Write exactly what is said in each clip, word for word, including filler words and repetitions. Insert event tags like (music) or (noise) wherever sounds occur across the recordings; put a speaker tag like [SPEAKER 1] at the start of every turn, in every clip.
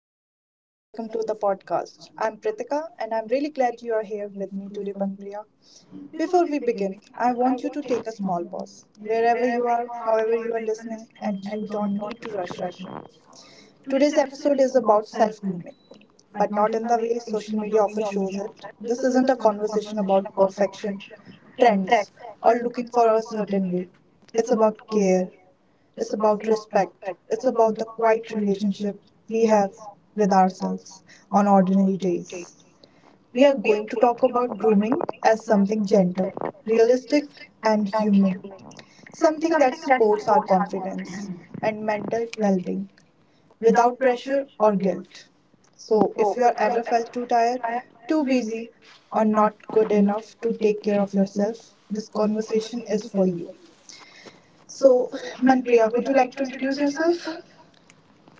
[SPEAKER 1] everyone and welcome to the podcast. I'm Pritika and I'm really glad you are here with me today, Panpriya. Before we begin, I want you to take a small pause wherever you are, however you are listening, and you don't need to rush right now. Today's episode is about self-grooming, but not in the way social media often shows it. This isn't a conversation about perfection, trends, or looking for a certain way. It's about care, it's about respect. It's about the quiet relationship we have with ourselves on ordinary days. We are going to talk about grooming as something gentle, realistic, and human. Something that supports our confidence and mental well being without pressure or guilt. So, if you are ever felt too tired, too busy, or not good enough to take care of yourself, this conversation is for you. So, Manpriya, would you like to introduce yourself?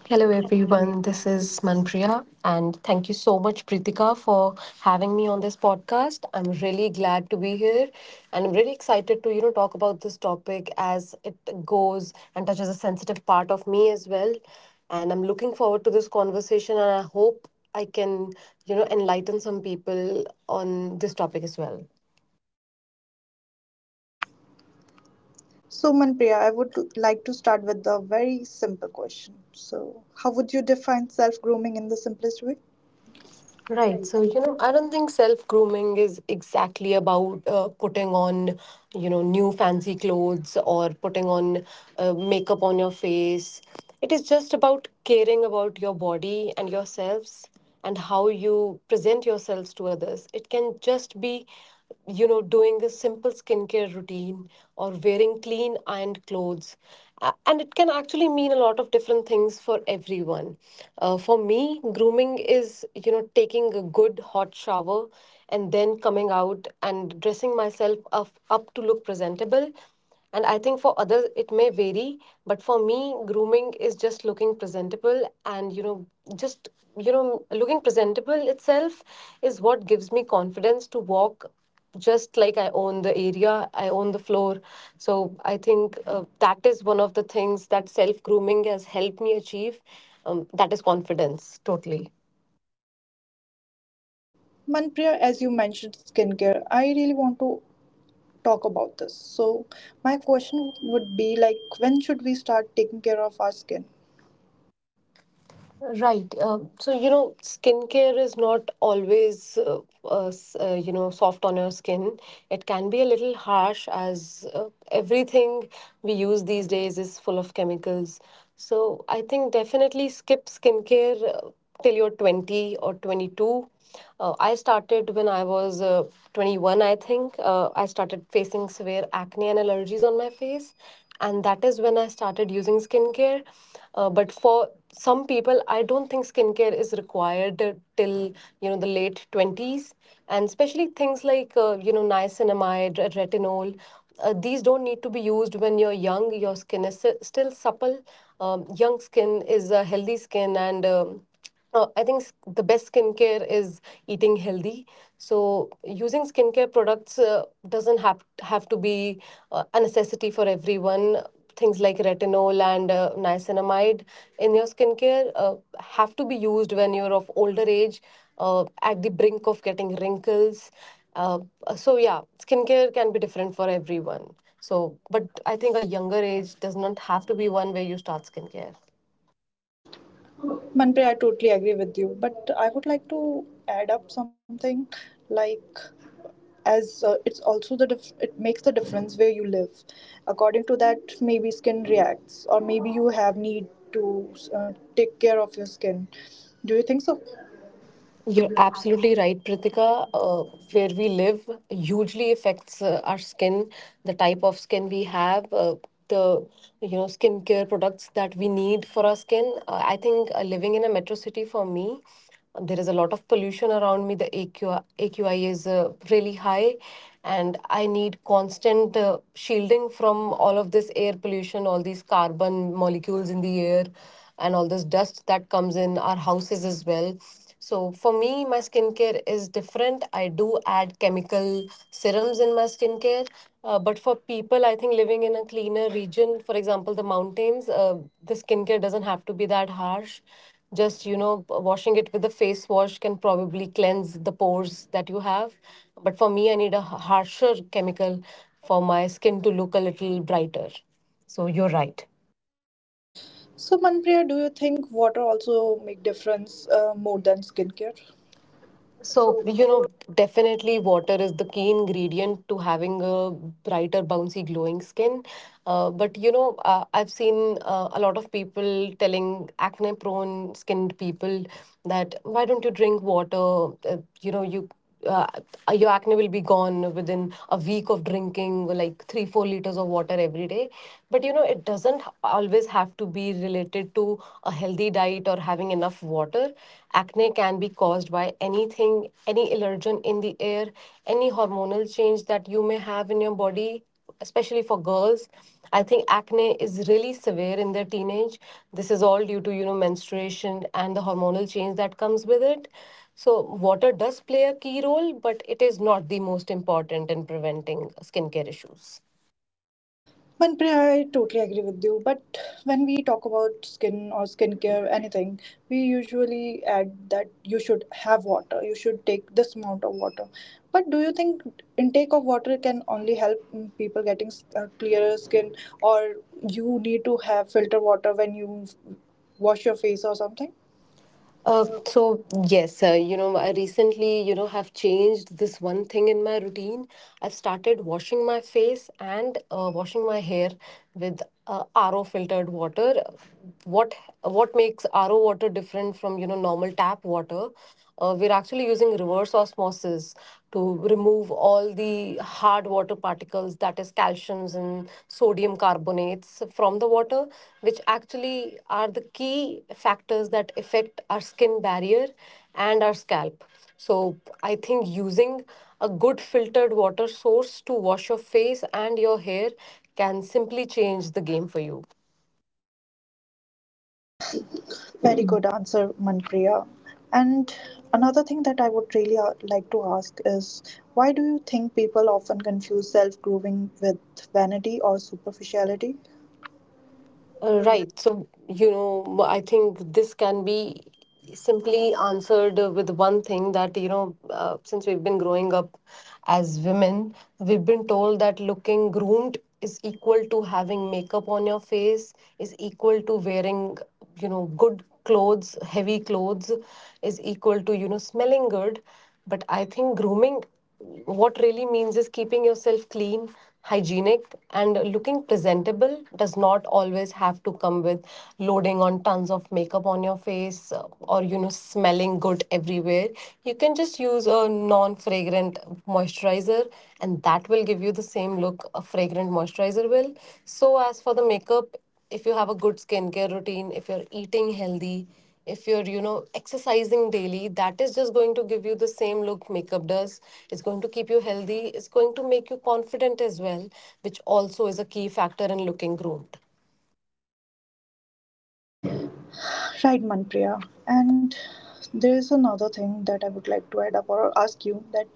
[SPEAKER 2] Hello everyone, this is Manpriya and thank you so much Pritika for having me on this podcast. I'm really glad to be here and I'm really excited to you know talk about this topic as it goes and touches a sensitive part of me as well. And I'm looking forward to this conversation and I hope I can you know enlighten some people on this topic as well.
[SPEAKER 1] So, Manpriya, I would like to start with a very simple question. So, how would you define self grooming in the simplest way?
[SPEAKER 2] Right. So, you know, I don't think self grooming is exactly about uh, putting on, you know, new fancy clothes or putting on uh, makeup on your face. It is just about caring about your body and yourselves and how you present yourselves to others. It can just be you know doing a simple skincare routine or wearing clean ironed clothes A- and it can actually mean a lot of different things for everyone. Uh, for me, grooming is you know taking a good hot shower and then coming out and dressing myself up, up to look presentable, and I think for others it may vary, but for me, grooming is just looking presentable. And you know, just, you know, looking presentable itself is what gives me confidence to walk just like I own the area, I own the floor. So I think uh, that is one of the things that self grooming has helped me achieve. Um, that is confidence, totally.
[SPEAKER 1] Manpriya, as you mentioned skincare, I really want to talk about this. So, my question would be like, when should we start taking care of our skin?
[SPEAKER 2] Right. Um, so, you know, skincare is not always, uh, uh, s- uh, you know, soft on your skin. It can be a little harsh, as uh, everything we use these days is full of chemicals. So, I think definitely skip skincare uh, till you're twenty or twenty two. Uh, I started when I was uh, twenty one, I think. Uh, I started facing severe acne and allergies on my face, and that is when I started using skincare, uh, but for some people I don't think skincare is required uh, till you know the late twenties, and especially things like uh, you know niacinamide, re- retinol, uh, these don't need to be used when you're young. Your skin is s- still supple. Um, young skin is a healthy skin, and um, uh, I think s- the best skincare is eating healthy. So using skincare products uh, doesn't have have to be uh, a necessity for everyone. Things like retinol and uh, niacinamide in your skincare uh, have to be used when you're of older age, uh, at the brink of getting wrinkles. Uh, so yeah, skincare can be different for everyone. So, but I think a younger age does not have to be one where you start skincare.
[SPEAKER 1] Manpriya, I totally agree with you, but I would like to add up something like, as uh, it's also the dif- it makes the difference where you live. According to that, maybe skin reacts or maybe you have need to uh, take care of your skin. Do you think so?
[SPEAKER 2] You're absolutely right, Pritika. Uh, where we live hugely affects uh, our skin, the type of skin we have, uh, the you know skincare products that we need for our skin. Uh, I think uh, living in a metro city, for me, there is a lot of pollution around me. The A Q I, A Q I is uh, really high, and I need constant uh, shielding from all of this air pollution, all these carbon molecules in the air, and all this dust that comes in our houses as well. So for me, my skincare is different. I do add chemical serums in my skincare. Uh, but for people, I think, living in a cleaner region, for example, the mountains, uh, the skincare doesn't have to be that harsh. Just, you know, washing it with a face wash can probably cleanse the pores that you have. But for me, I need a harsher chemical for my skin to look a little brighter. So you're right.
[SPEAKER 1] So, Manpriya, do you think water also make difference uh, more than skincare?
[SPEAKER 2] So, you know, definitely water is the key ingredient to having a brighter, bouncy, glowing skin. Uh, but, you know, uh, I've seen uh, a lot of people telling acne prone skinned people that why don't you drink water? Uh, you know, you uh, your acne will be gone within a week of drinking like three four liters of water every day. But you know, it doesn't always have to be related to a healthy diet or having enough water. Acne can be caused by anything, any allergen in the air, any hormonal change that you may have in your body. Especially for girls, I think acne is really severe in their teenage. This is all due to you know menstruation and the hormonal change that comes with it. So water does play a key role, but it is not the most important in preventing skincare issues.
[SPEAKER 1] Manpreet, I totally agree with you. But when we talk about skin or skincare, anything, we usually add that you should have water. You should take this amount of water. But do you think intake of water can only help mm, people getting s- uh, clearer skin, or you need to have filter water when you wash your face or something?
[SPEAKER 2] Uh, so yes, uh, you know, I recently, you know, have changed this one thing in my routine. I've started washing my face and uh, washing my hair with uh, R O filtered water. What what makes R O water different from, you know, normal tap water? Uh, we're actually using reverse osmosis to remove all the hard water particles, that is, calciums and sodium carbonates from the water, which actually are the key factors that affect our skin barrier and our scalp. So, I think using a good filtered water source to wash your face and your hair can simply change the game for you.
[SPEAKER 1] Very good answer, Manpriya. And another thing that I would really uh, like to ask is, why do you think people often confuse self grooming with vanity or superficiality?
[SPEAKER 2] Uh, right. So, you know, I think this can be simply answered uh, with one thing that, you know, uh, since we've been growing up as women, we've been told that looking groomed is equal to having makeup on your face, is equal to wearing, you know, good clothes, heavy clothes, is equal to, you know, smelling good. But I think grooming, what really means, is keeping yourself clean, hygienic, and looking presentable does not always have to come with loading on tons of makeup on your face uh, or, you know, smelling good everywhere. You can just use a non fragrant moisturizer, and that will give you the same look a fragrant moisturizer will. So, as for the makeup, if you have a good skincare routine, if you're eating healthy, if you're you know exercising daily, that is just going to give you the same look makeup does. It's going to keep you healthy, it's going to make you confident as well, which also is a key factor in looking groomed.
[SPEAKER 1] Right, Manpriya. And there is another thing that I would like to add up or ask you, that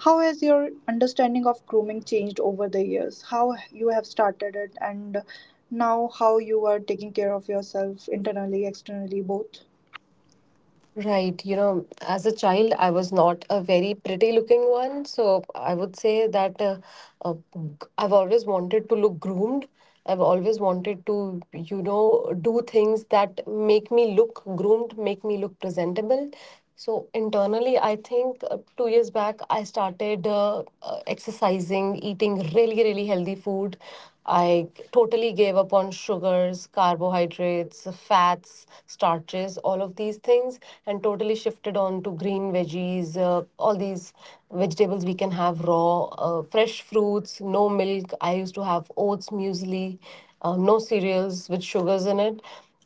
[SPEAKER 1] how has your understanding of grooming changed over the years? How you have started it and now how you are taking care of yourself internally, externally, both?
[SPEAKER 2] Right, you know, as a child, I was not a very pretty looking one. So I would say that uh, uh, I've always wanted to look groomed. I've always wanted to, you know, do things that make me look groomed, make me look presentable. So internally, I think uh, two years back, I started uh, uh, exercising, eating really, really healthy food. I totally gave up on sugars, carbohydrates, fats, starches, all of these things, and totally shifted on to green veggies, uh, all these vegetables we can have raw, uh, fresh fruits, no milk. I used to have oats, muesli, uh, no cereals with sugars in it,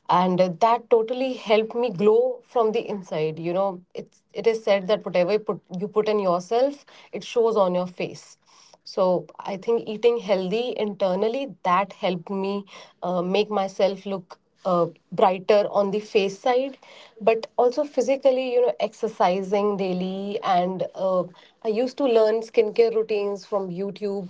[SPEAKER 2] and uh, that totally helped me glow from the inside. You know, it's it is said that whatever you put, you put in yourself, it shows on your face. So I think eating healthy internally, that helped me uh, make myself look uh, brighter on the face side. But also physically, you know, exercising daily, and uh, I used to learn skincare routines from YouTube.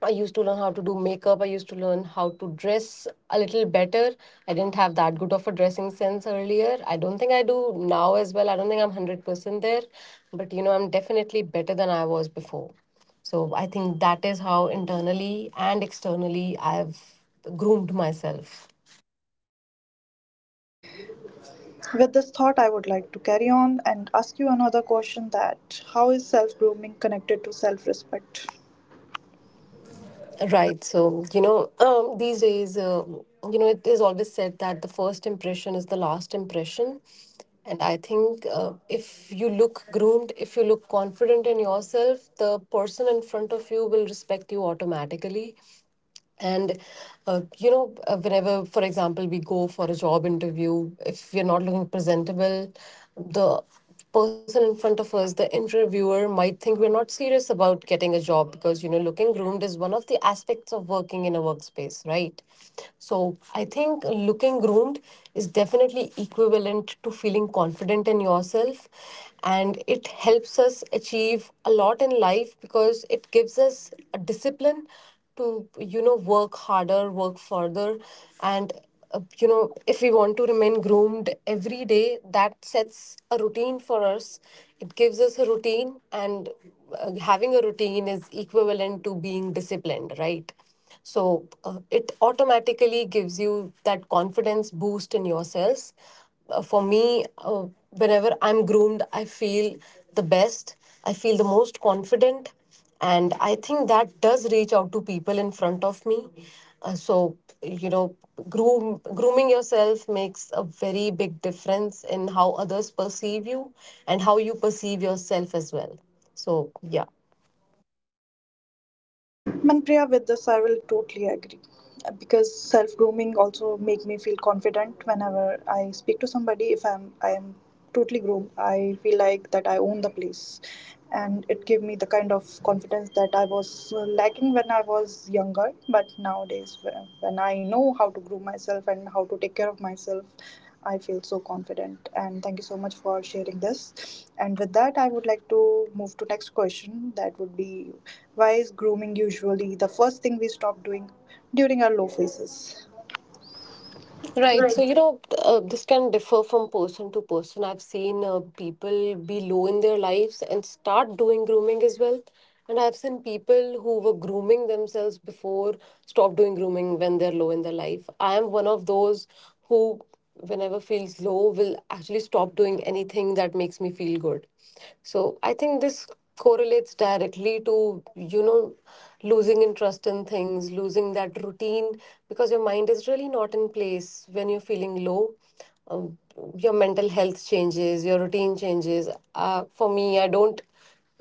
[SPEAKER 2] I used to learn how to do makeup. I used to learn how to dress a little better. I didn't have that good of a dressing sense earlier. I don't think I do now as well. I don't think I'm a hundred percent there, but you know, I'm definitely better than I was before. So I think that is how internally and externally I've groomed myself.
[SPEAKER 1] With this thought, I would like to carry on and ask you another question, that how is self grooming connected to self respect?
[SPEAKER 2] Right. So, you know, um, these days, uh, you know, it is always said that the first impression is the last impression. And I think uh, if you look groomed, if you look confident in yourself, the person in front of you will respect you automatically, and uh, you know, uh, whenever, for example, we go for a job interview, if we're not looking presentable, the person in front of us, the interviewer, might think we're not serious about getting a job, because you know looking groomed is one of the aspects of working in a workspace, right? So I think looking groomed is definitely equivalent to feeling confident in yourself. And it helps us achieve a lot in life because it gives us a discipline to you know work harder, work further. And uh, you know, if we want to remain groomed every day, that sets a routine for us, it gives us a routine. And uh, having a routine is equivalent to being disciplined, right? So uh, it automatically gives you that confidence boost in yourselves. Uh, for me uh, whenever I'm groomed, I feel the best, I feel the most confident, and I think that does reach out to people in front of me. Uh, so you know, groom grooming yourself makes a very big difference in how others perceive you and how you perceive yourself as well. So yeah.
[SPEAKER 1] Manpriya, with this, I will totally agree. Uh, because self grooming also make me feel confident whenever I speak to somebody. If I'm I am totally groomed, I feel like that I own the place, and it gave me the kind of confidence that I was uh, lacking when I was younger. But nowadays, wh- when I know how to groom myself and how to take care of myself, I feel so confident, and thank you so much for sharing this. And with that, I would like to move to next question. That would be, why is grooming usually the first thing we stop doing during our low phases?
[SPEAKER 2] Right. So,
[SPEAKER 1] Right.
[SPEAKER 2] you know, uh, this can differ from person to person. I've seen uh, people be low in their lives and start doing grooming as well. And I've seen people who were grooming themselves before stop doing grooming when they're low in their life. I am one of those who whenever feels low will actually stop doing anything that makes me feel good, so I think this correlates directly to, you know, losing interest in things, losing that routine because your mind is really not in place when you're feeling low. um, your mental health changes, your routine changes. Uh, for me, I don't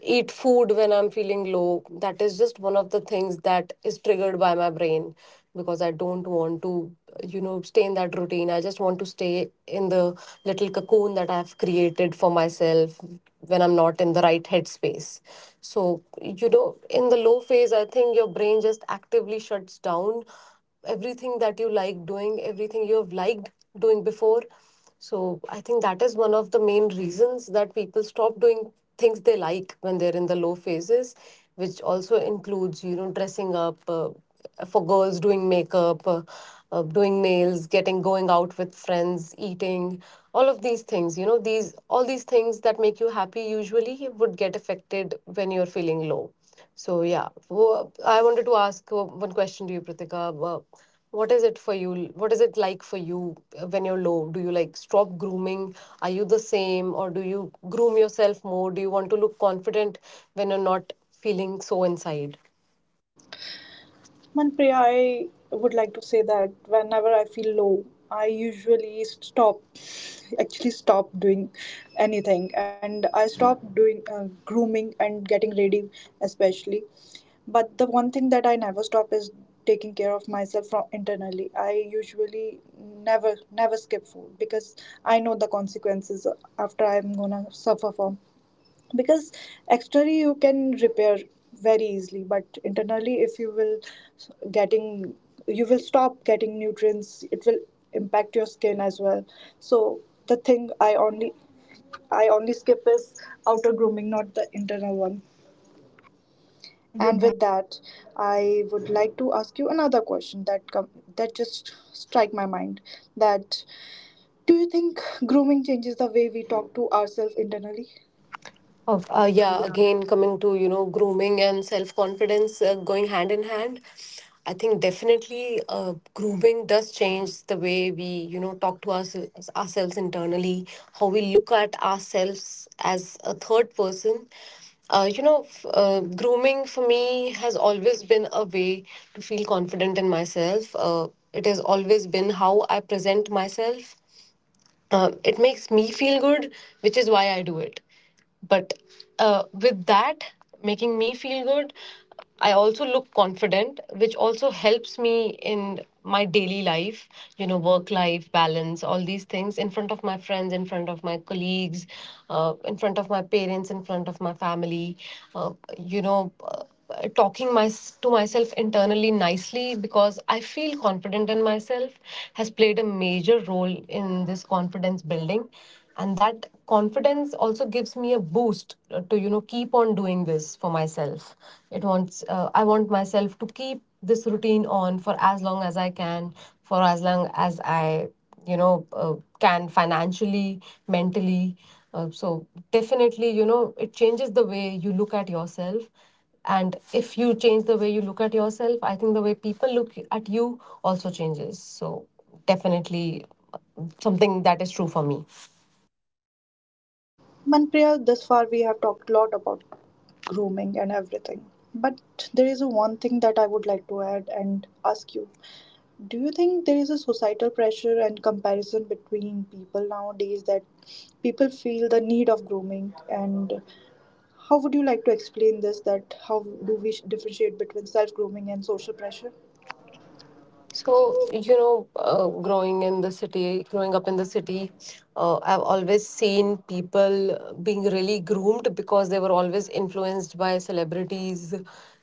[SPEAKER 2] eat food when I'm feeling low. That is just one of the things that is triggered by my brain because I don't want to, you know, stay in that routine. I just want to stay in the little cocoon that I've created for myself when I'm not in the right headspace. So, you know, in the low phase, I think your brain just actively shuts down everything that you like doing, everything you've liked doing before. So I think that is one of the main reasons that people stop doing things they like when they're in the low phases, which also includes, you know, dressing up, uh, for girls, doing makeup, uh, uh, doing nails, getting going out with friends, eating, all of these things, you know, these all these things that make you happy usually would get affected when you're feeling low. So yeah, Wo- I wanted to ask uh, one question to you, Pritika. Uh, What is it for you? What is it like for you uh, when you're low? Do you like stop grooming? Are you the same, or do you groom yourself more? Do you want to look confident when you're not feeling so inside?
[SPEAKER 1] Manpreet, I would like to say that whenever I feel low, I usually stop, actually stop doing anything, and I stop doing uh, grooming and getting ready, especially. But the one thing that I never stop is taking care of myself from internally. I usually never never skip food, because I know the consequences after I'm gonna suffer from, because externally you can repair very easily, but internally if you will s- getting you will stop getting nutrients, it will impact your skin as well. So the thing i only i only skip is outer grooming, not the internal one. And with that, I would like to ask you another question that come, that just strike my mind, that do you think grooming changes the way we talk to ourselves internally?
[SPEAKER 2] Of, uh, yeah, again, coming to, you know, grooming and self-confidence uh, going hand in hand, I think definitely uh, grooming does change the way we, you know, talk to us, ourselves internally, how we look at ourselves as a third person. Uh, you know, f- uh, grooming for me has always been a way to feel confident in myself. Uh, it has always been how I present myself. Um, it makes me feel good, which is why I do it. But uh, with that making me feel good, I also look confident, which also helps me in my daily life, you know, work life balance, all these things in front of my friends, in front of my colleagues, uh, in front of my parents, in front of my family. Uh, you know, uh, uh, talking my, to myself internally nicely because I feel confident in myself has played a major role in this confidence building. And that confidence also gives me a boost uh, to, you know, keep on doing this for myself. It wants, uh, I want myself to keep this routine on for as long as I can, for as long as I, you know, uh, can financially, mentally. Uh, so definitely, you know, it changes the way you look at yourself, and if you change the way you look at yourself, I think the way people look at you also changes. So, definitely something that is true for me.
[SPEAKER 1] Manpriya, thus far we have talked a lot about grooming and everything. But there is a one thing that I would like to add and ask you. Do you think there is a societal pressure and comparison between people nowadays, that people feel the need of grooming? And how would you like to explain this? That how do we differentiate between self grooming and social pressure?
[SPEAKER 2] So, you know, uh, growing in the city, growing up in the city, uh, I've always seen people being really groomed because they were always influenced by celebrities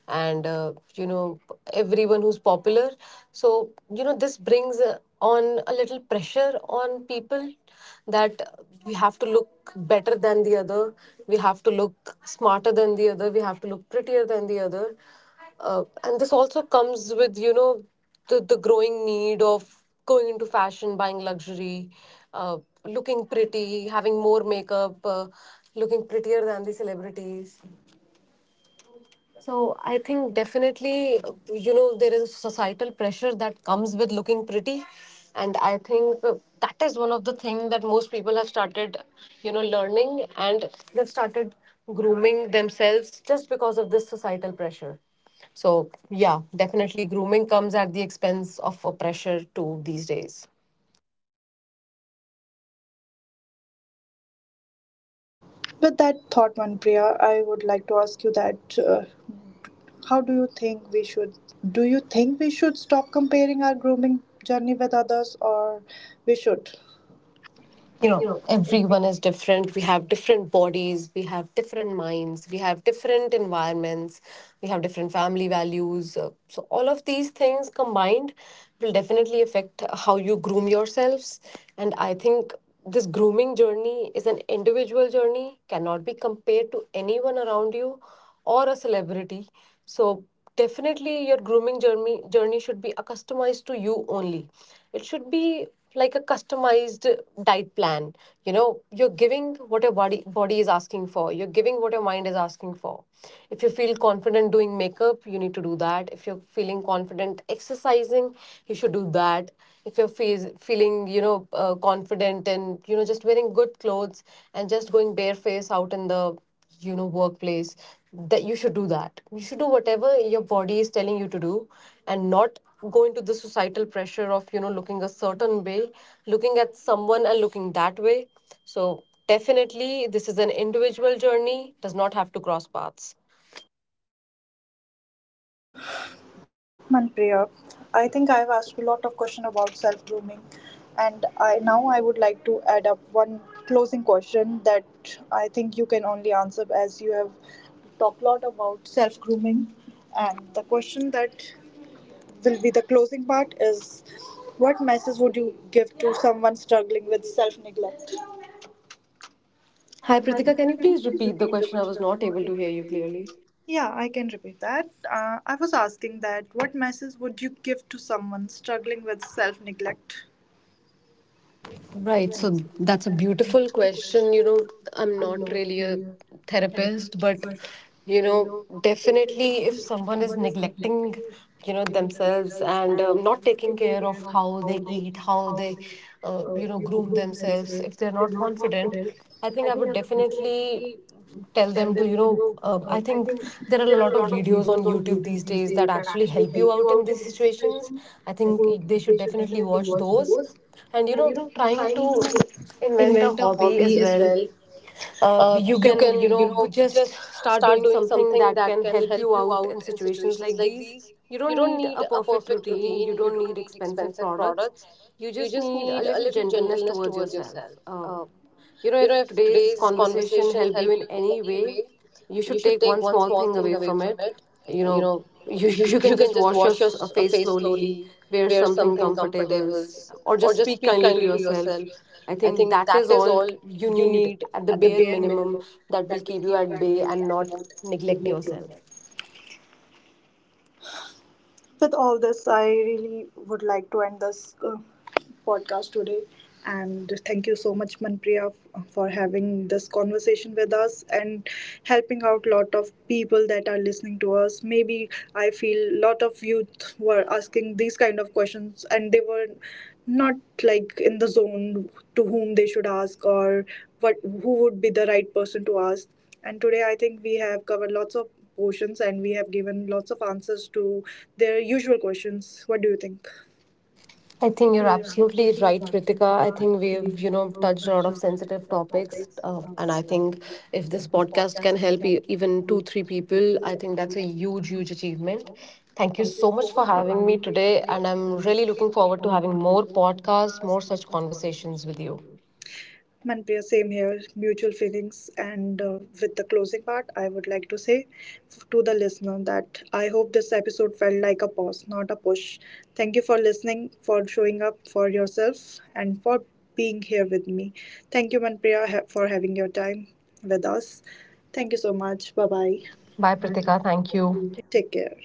[SPEAKER 2] and, uh, you know, everyone who's popular. So, you know, this brings uh, on a little pressure on people that we have to look better than the other, we have to look smarter than the other, we have to look prettier than the other, uh, and this also comes with, you know, the, the growing need of going into fashion, buying luxury, uh, looking pretty, having more makeup, uh, looking prettier than the celebrities. So I think definitely, uh, you know, there is societal pressure that comes with looking pretty, and I think uh, that is one of the things that most people have started, you know, learning, and they've started grooming themselves just because of this societal pressure. So yeah, definitely grooming comes at the expense of a pressure too these days.
[SPEAKER 1] With that thought, Manpriya, I would like to ask you that. Uh, How do you think we should, do you think we should stop comparing our grooming journey with others, or we should?
[SPEAKER 2] You
[SPEAKER 1] You
[SPEAKER 2] know,
[SPEAKER 1] know, if
[SPEAKER 2] everyone is different. We have different bodies, we have different minds, we have different environments, we have different family values. Uh, so all of these things combined will definitely affect how you groom yourselves, and I think this grooming journey is an individual journey, cannot be compared to anyone around you or a celebrity. So definitely your grooming journey journey should be a customized to you only. It should be like a customized diet plan. You know, you're giving what your body body is asking for. You're giving what your mind is asking for. If you feel confident doing makeup, you need to do that. If you're feeling confident exercising, you should do that. If you're fees feeling, you know, uh, confident and, you know, just wearing good clothes and just going bareface out in the, you know, workplace, that you should do that. You should do whatever your body is telling you to do and not go into the societal pressure of, you know, looking a certain way, looking at someone and looking that way. So definitely this is an individual journey, does not have to cross paths.
[SPEAKER 1] Manpriya, I think I've asked a lot of questions about self grooming, and I now I would like to add up one closing question, that I think you can only answer as you have talked a lot about self grooming, and the question that will be the closing part is, what message would you give to someone struggling with self neglect?
[SPEAKER 2] Hi Pritika, can you please
[SPEAKER 1] Please
[SPEAKER 2] repeat the
[SPEAKER 1] repeat the
[SPEAKER 2] question? I was
[SPEAKER 1] question.
[SPEAKER 2] not able to hear you clearly.
[SPEAKER 1] Yeah, I can repeat that. Uh, I was asking that, what message would you give to someone struggling with self neglect?
[SPEAKER 2] Right. So that's a beautiful
[SPEAKER 1] So,
[SPEAKER 2] question. You
[SPEAKER 1] you
[SPEAKER 2] know, I'm
[SPEAKER 1] know, I'm
[SPEAKER 2] not
[SPEAKER 1] not
[SPEAKER 2] really a
[SPEAKER 1] really a-
[SPEAKER 2] therapist, but, you know, definitely if someone is
[SPEAKER 1] someone is next,
[SPEAKER 2] neglecting, you know,
[SPEAKER 1] you know
[SPEAKER 2] themselves
[SPEAKER 1] themselves
[SPEAKER 2] and
[SPEAKER 1] and
[SPEAKER 2] um, not
[SPEAKER 1] uh,
[SPEAKER 2] taking
[SPEAKER 1] taking
[SPEAKER 2] care of
[SPEAKER 1] care of
[SPEAKER 2] how they
[SPEAKER 1] how they
[SPEAKER 2] eat,
[SPEAKER 1] eat,
[SPEAKER 2] how
[SPEAKER 1] how
[SPEAKER 2] they,
[SPEAKER 1] they
[SPEAKER 2] uh,
[SPEAKER 1] uh,
[SPEAKER 2] you know,
[SPEAKER 1] you know
[SPEAKER 2] groom
[SPEAKER 1] groom
[SPEAKER 2] themselves,
[SPEAKER 1] themselves.
[SPEAKER 2] if
[SPEAKER 1] If
[SPEAKER 2] they're
[SPEAKER 1] they're
[SPEAKER 2] not
[SPEAKER 1] not
[SPEAKER 2] confident,
[SPEAKER 1] confident,
[SPEAKER 2] I think
[SPEAKER 1] I
[SPEAKER 2] I
[SPEAKER 1] think
[SPEAKER 2] would
[SPEAKER 1] I would definitely
[SPEAKER 2] definitely tell
[SPEAKER 1] tell
[SPEAKER 2] them to,
[SPEAKER 1] them
[SPEAKER 2] you
[SPEAKER 1] to you
[SPEAKER 2] know,
[SPEAKER 1] know.
[SPEAKER 2] uh, I
[SPEAKER 1] I
[SPEAKER 2] think
[SPEAKER 1] think
[SPEAKER 2] there are
[SPEAKER 1] there
[SPEAKER 2] a
[SPEAKER 1] are
[SPEAKER 2] lot
[SPEAKER 1] a
[SPEAKER 2] of
[SPEAKER 1] lot of
[SPEAKER 2] videos on
[SPEAKER 1] videos on
[SPEAKER 2] YouTube
[SPEAKER 1] YouTube
[SPEAKER 2] these
[SPEAKER 1] these
[SPEAKER 2] days
[SPEAKER 1] days
[SPEAKER 2] that
[SPEAKER 1] that
[SPEAKER 2] actually
[SPEAKER 1] actually
[SPEAKER 2] help
[SPEAKER 1] help
[SPEAKER 2] you
[SPEAKER 1] you
[SPEAKER 2] out in
[SPEAKER 1] out
[SPEAKER 2] these situations.
[SPEAKER 1] situations.
[SPEAKER 2] I
[SPEAKER 1] I
[SPEAKER 2] think
[SPEAKER 1] think
[SPEAKER 2] they
[SPEAKER 1] they
[SPEAKER 2] should
[SPEAKER 1] should
[SPEAKER 2] definitely
[SPEAKER 1] definitely
[SPEAKER 2] watch
[SPEAKER 1] watch
[SPEAKER 2] those.
[SPEAKER 1] those.
[SPEAKER 2] And, you
[SPEAKER 1] And you
[SPEAKER 2] know,
[SPEAKER 1] know,
[SPEAKER 2] trying to
[SPEAKER 1] trying to
[SPEAKER 2] invent a
[SPEAKER 1] invent a
[SPEAKER 2] hobby
[SPEAKER 1] hobby
[SPEAKER 2] as
[SPEAKER 1] as
[SPEAKER 2] well.
[SPEAKER 1] well.
[SPEAKER 2] Uh,
[SPEAKER 1] Uh,
[SPEAKER 2] you
[SPEAKER 1] you
[SPEAKER 2] can,
[SPEAKER 1] can,
[SPEAKER 2] you
[SPEAKER 1] you
[SPEAKER 2] know,
[SPEAKER 1] know,
[SPEAKER 2] just
[SPEAKER 1] just
[SPEAKER 2] start
[SPEAKER 1] start
[SPEAKER 2] doing
[SPEAKER 1] doing
[SPEAKER 2] something
[SPEAKER 1] something
[SPEAKER 2] that
[SPEAKER 1] that
[SPEAKER 2] can
[SPEAKER 1] can
[SPEAKER 2] help
[SPEAKER 1] help
[SPEAKER 2] you
[SPEAKER 1] you
[SPEAKER 2] out in
[SPEAKER 1] out in
[SPEAKER 2] situations
[SPEAKER 1] situations
[SPEAKER 2] like
[SPEAKER 1] like
[SPEAKER 2] these.
[SPEAKER 1] these.
[SPEAKER 2] You
[SPEAKER 1] You
[SPEAKER 2] don't
[SPEAKER 1] don't
[SPEAKER 2] need
[SPEAKER 1] need
[SPEAKER 2] a
[SPEAKER 1] a
[SPEAKER 2] perfect
[SPEAKER 1] perfect
[SPEAKER 2] routine, you
[SPEAKER 1] routine. You
[SPEAKER 2] don't
[SPEAKER 1] don't
[SPEAKER 2] need
[SPEAKER 1] need
[SPEAKER 2] expensive
[SPEAKER 1] expensive
[SPEAKER 2] products.
[SPEAKER 1] products.
[SPEAKER 2] You
[SPEAKER 1] You
[SPEAKER 2] just
[SPEAKER 1] just
[SPEAKER 2] need a
[SPEAKER 1] need a
[SPEAKER 2] little
[SPEAKER 1] little
[SPEAKER 2] gentleness
[SPEAKER 1] gentleness
[SPEAKER 2] towards
[SPEAKER 1] towards yourself.
[SPEAKER 2] yourself. Uh,
[SPEAKER 1] Uh,
[SPEAKER 2] you know,
[SPEAKER 1] you know,
[SPEAKER 2] if
[SPEAKER 1] if
[SPEAKER 2] today's
[SPEAKER 1] today's
[SPEAKER 2] conversation
[SPEAKER 1] conversation
[SPEAKER 2] helped you
[SPEAKER 1] helped
[SPEAKER 2] in
[SPEAKER 1] you,
[SPEAKER 2] any way, you
[SPEAKER 1] you
[SPEAKER 2] should
[SPEAKER 1] should
[SPEAKER 2] take
[SPEAKER 1] take
[SPEAKER 2] one
[SPEAKER 1] one
[SPEAKER 2] small
[SPEAKER 1] small
[SPEAKER 2] thing
[SPEAKER 1] thing
[SPEAKER 2] away
[SPEAKER 1] away.
[SPEAKER 2] from it. You
[SPEAKER 1] You
[SPEAKER 2] know,
[SPEAKER 1] know
[SPEAKER 2] (laughs) you,
[SPEAKER 1] you,
[SPEAKER 2] you
[SPEAKER 1] (laughs)
[SPEAKER 2] can
[SPEAKER 1] you can
[SPEAKER 2] just
[SPEAKER 1] just
[SPEAKER 2] wash your
[SPEAKER 1] wash your
[SPEAKER 2] s- uh,
[SPEAKER 1] s- uh,
[SPEAKER 2] face
[SPEAKER 1] face
[SPEAKER 2] slowly,
[SPEAKER 1] slowly,
[SPEAKER 2] wear
[SPEAKER 1] wear
[SPEAKER 2] something
[SPEAKER 1] something
[SPEAKER 2] comfortable,
[SPEAKER 1] comfortable,
[SPEAKER 2] s-
[SPEAKER 1] s-
[SPEAKER 2] or
[SPEAKER 1] or
[SPEAKER 2] just
[SPEAKER 1] just
[SPEAKER 2] speak
[SPEAKER 1] speak
[SPEAKER 2] kindly to
[SPEAKER 1] kindly to
[SPEAKER 2] yourself.
[SPEAKER 1] yourself.
[SPEAKER 2] I
[SPEAKER 1] I
[SPEAKER 2] think
[SPEAKER 1] think
[SPEAKER 2] that is
[SPEAKER 1] that is
[SPEAKER 2] all
[SPEAKER 1] all
[SPEAKER 2] you
[SPEAKER 1] you
[SPEAKER 2] need
[SPEAKER 1] need
[SPEAKER 2] at the
[SPEAKER 1] at the
[SPEAKER 2] bare
[SPEAKER 1] bare
[SPEAKER 2] minimum
[SPEAKER 1] minimum.
[SPEAKER 2] that will keep you at bay and not
[SPEAKER 1] Not
[SPEAKER 2] neglect
[SPEAKER 1] neglect yourself.
[SPEAKER 2] yourself.
[SPEAKER 1] With all this, I really would like to end this uh, podcast today. And thank you so much, Manpriya, f- for having this conversation with us and helping out lot of people that are listening to us. Maybe I feel lot of youth were asking these kind of questions and they were not like in the zone to whom they should ask, or what who would be the right person to ask. And today, I think we have covered lots of portions and we have given lots of answers to their usual questions. What do you think?
[SPEAKER 2] I
[SPEAKER 1] I
[SPEAKER 2] think you're
[SPEAKER 1] think
[SPEAKER 2] absolutely right, Kritika. I think
[SPEAKER 1] you're
[SPEAKER 2] we've,
[SPEAKER 1] dear.
[SPEAKER 2] you know, touched a lot of sensitive topics. Uh, and I think if this podcast can help e- even two, three people, I think that's a huge, huge achievement. Thank you so much for having me
[SPEAKER 1] Having
[SPEAKER 2] today. And I'm really looking forward to having more podcasts, more such conversations with you.
[SPEAKER 1] Manpriya, same here, mutual feelings. And uh, with the closing part, I would like to say to the listener that I hope this episode felt like a pause, not a push. Thank you for listening, for showing up for yourself, and for being here with me. Thank you, Manpriya, ha- for having your time with us. Thank you so much. Bye bye.
[SPEAKER 2] Bye, Pritika. Thank
[SPEAKER 1] Thank
[SPEAKER 2] you.
[SPEAKER 1] you. Take care.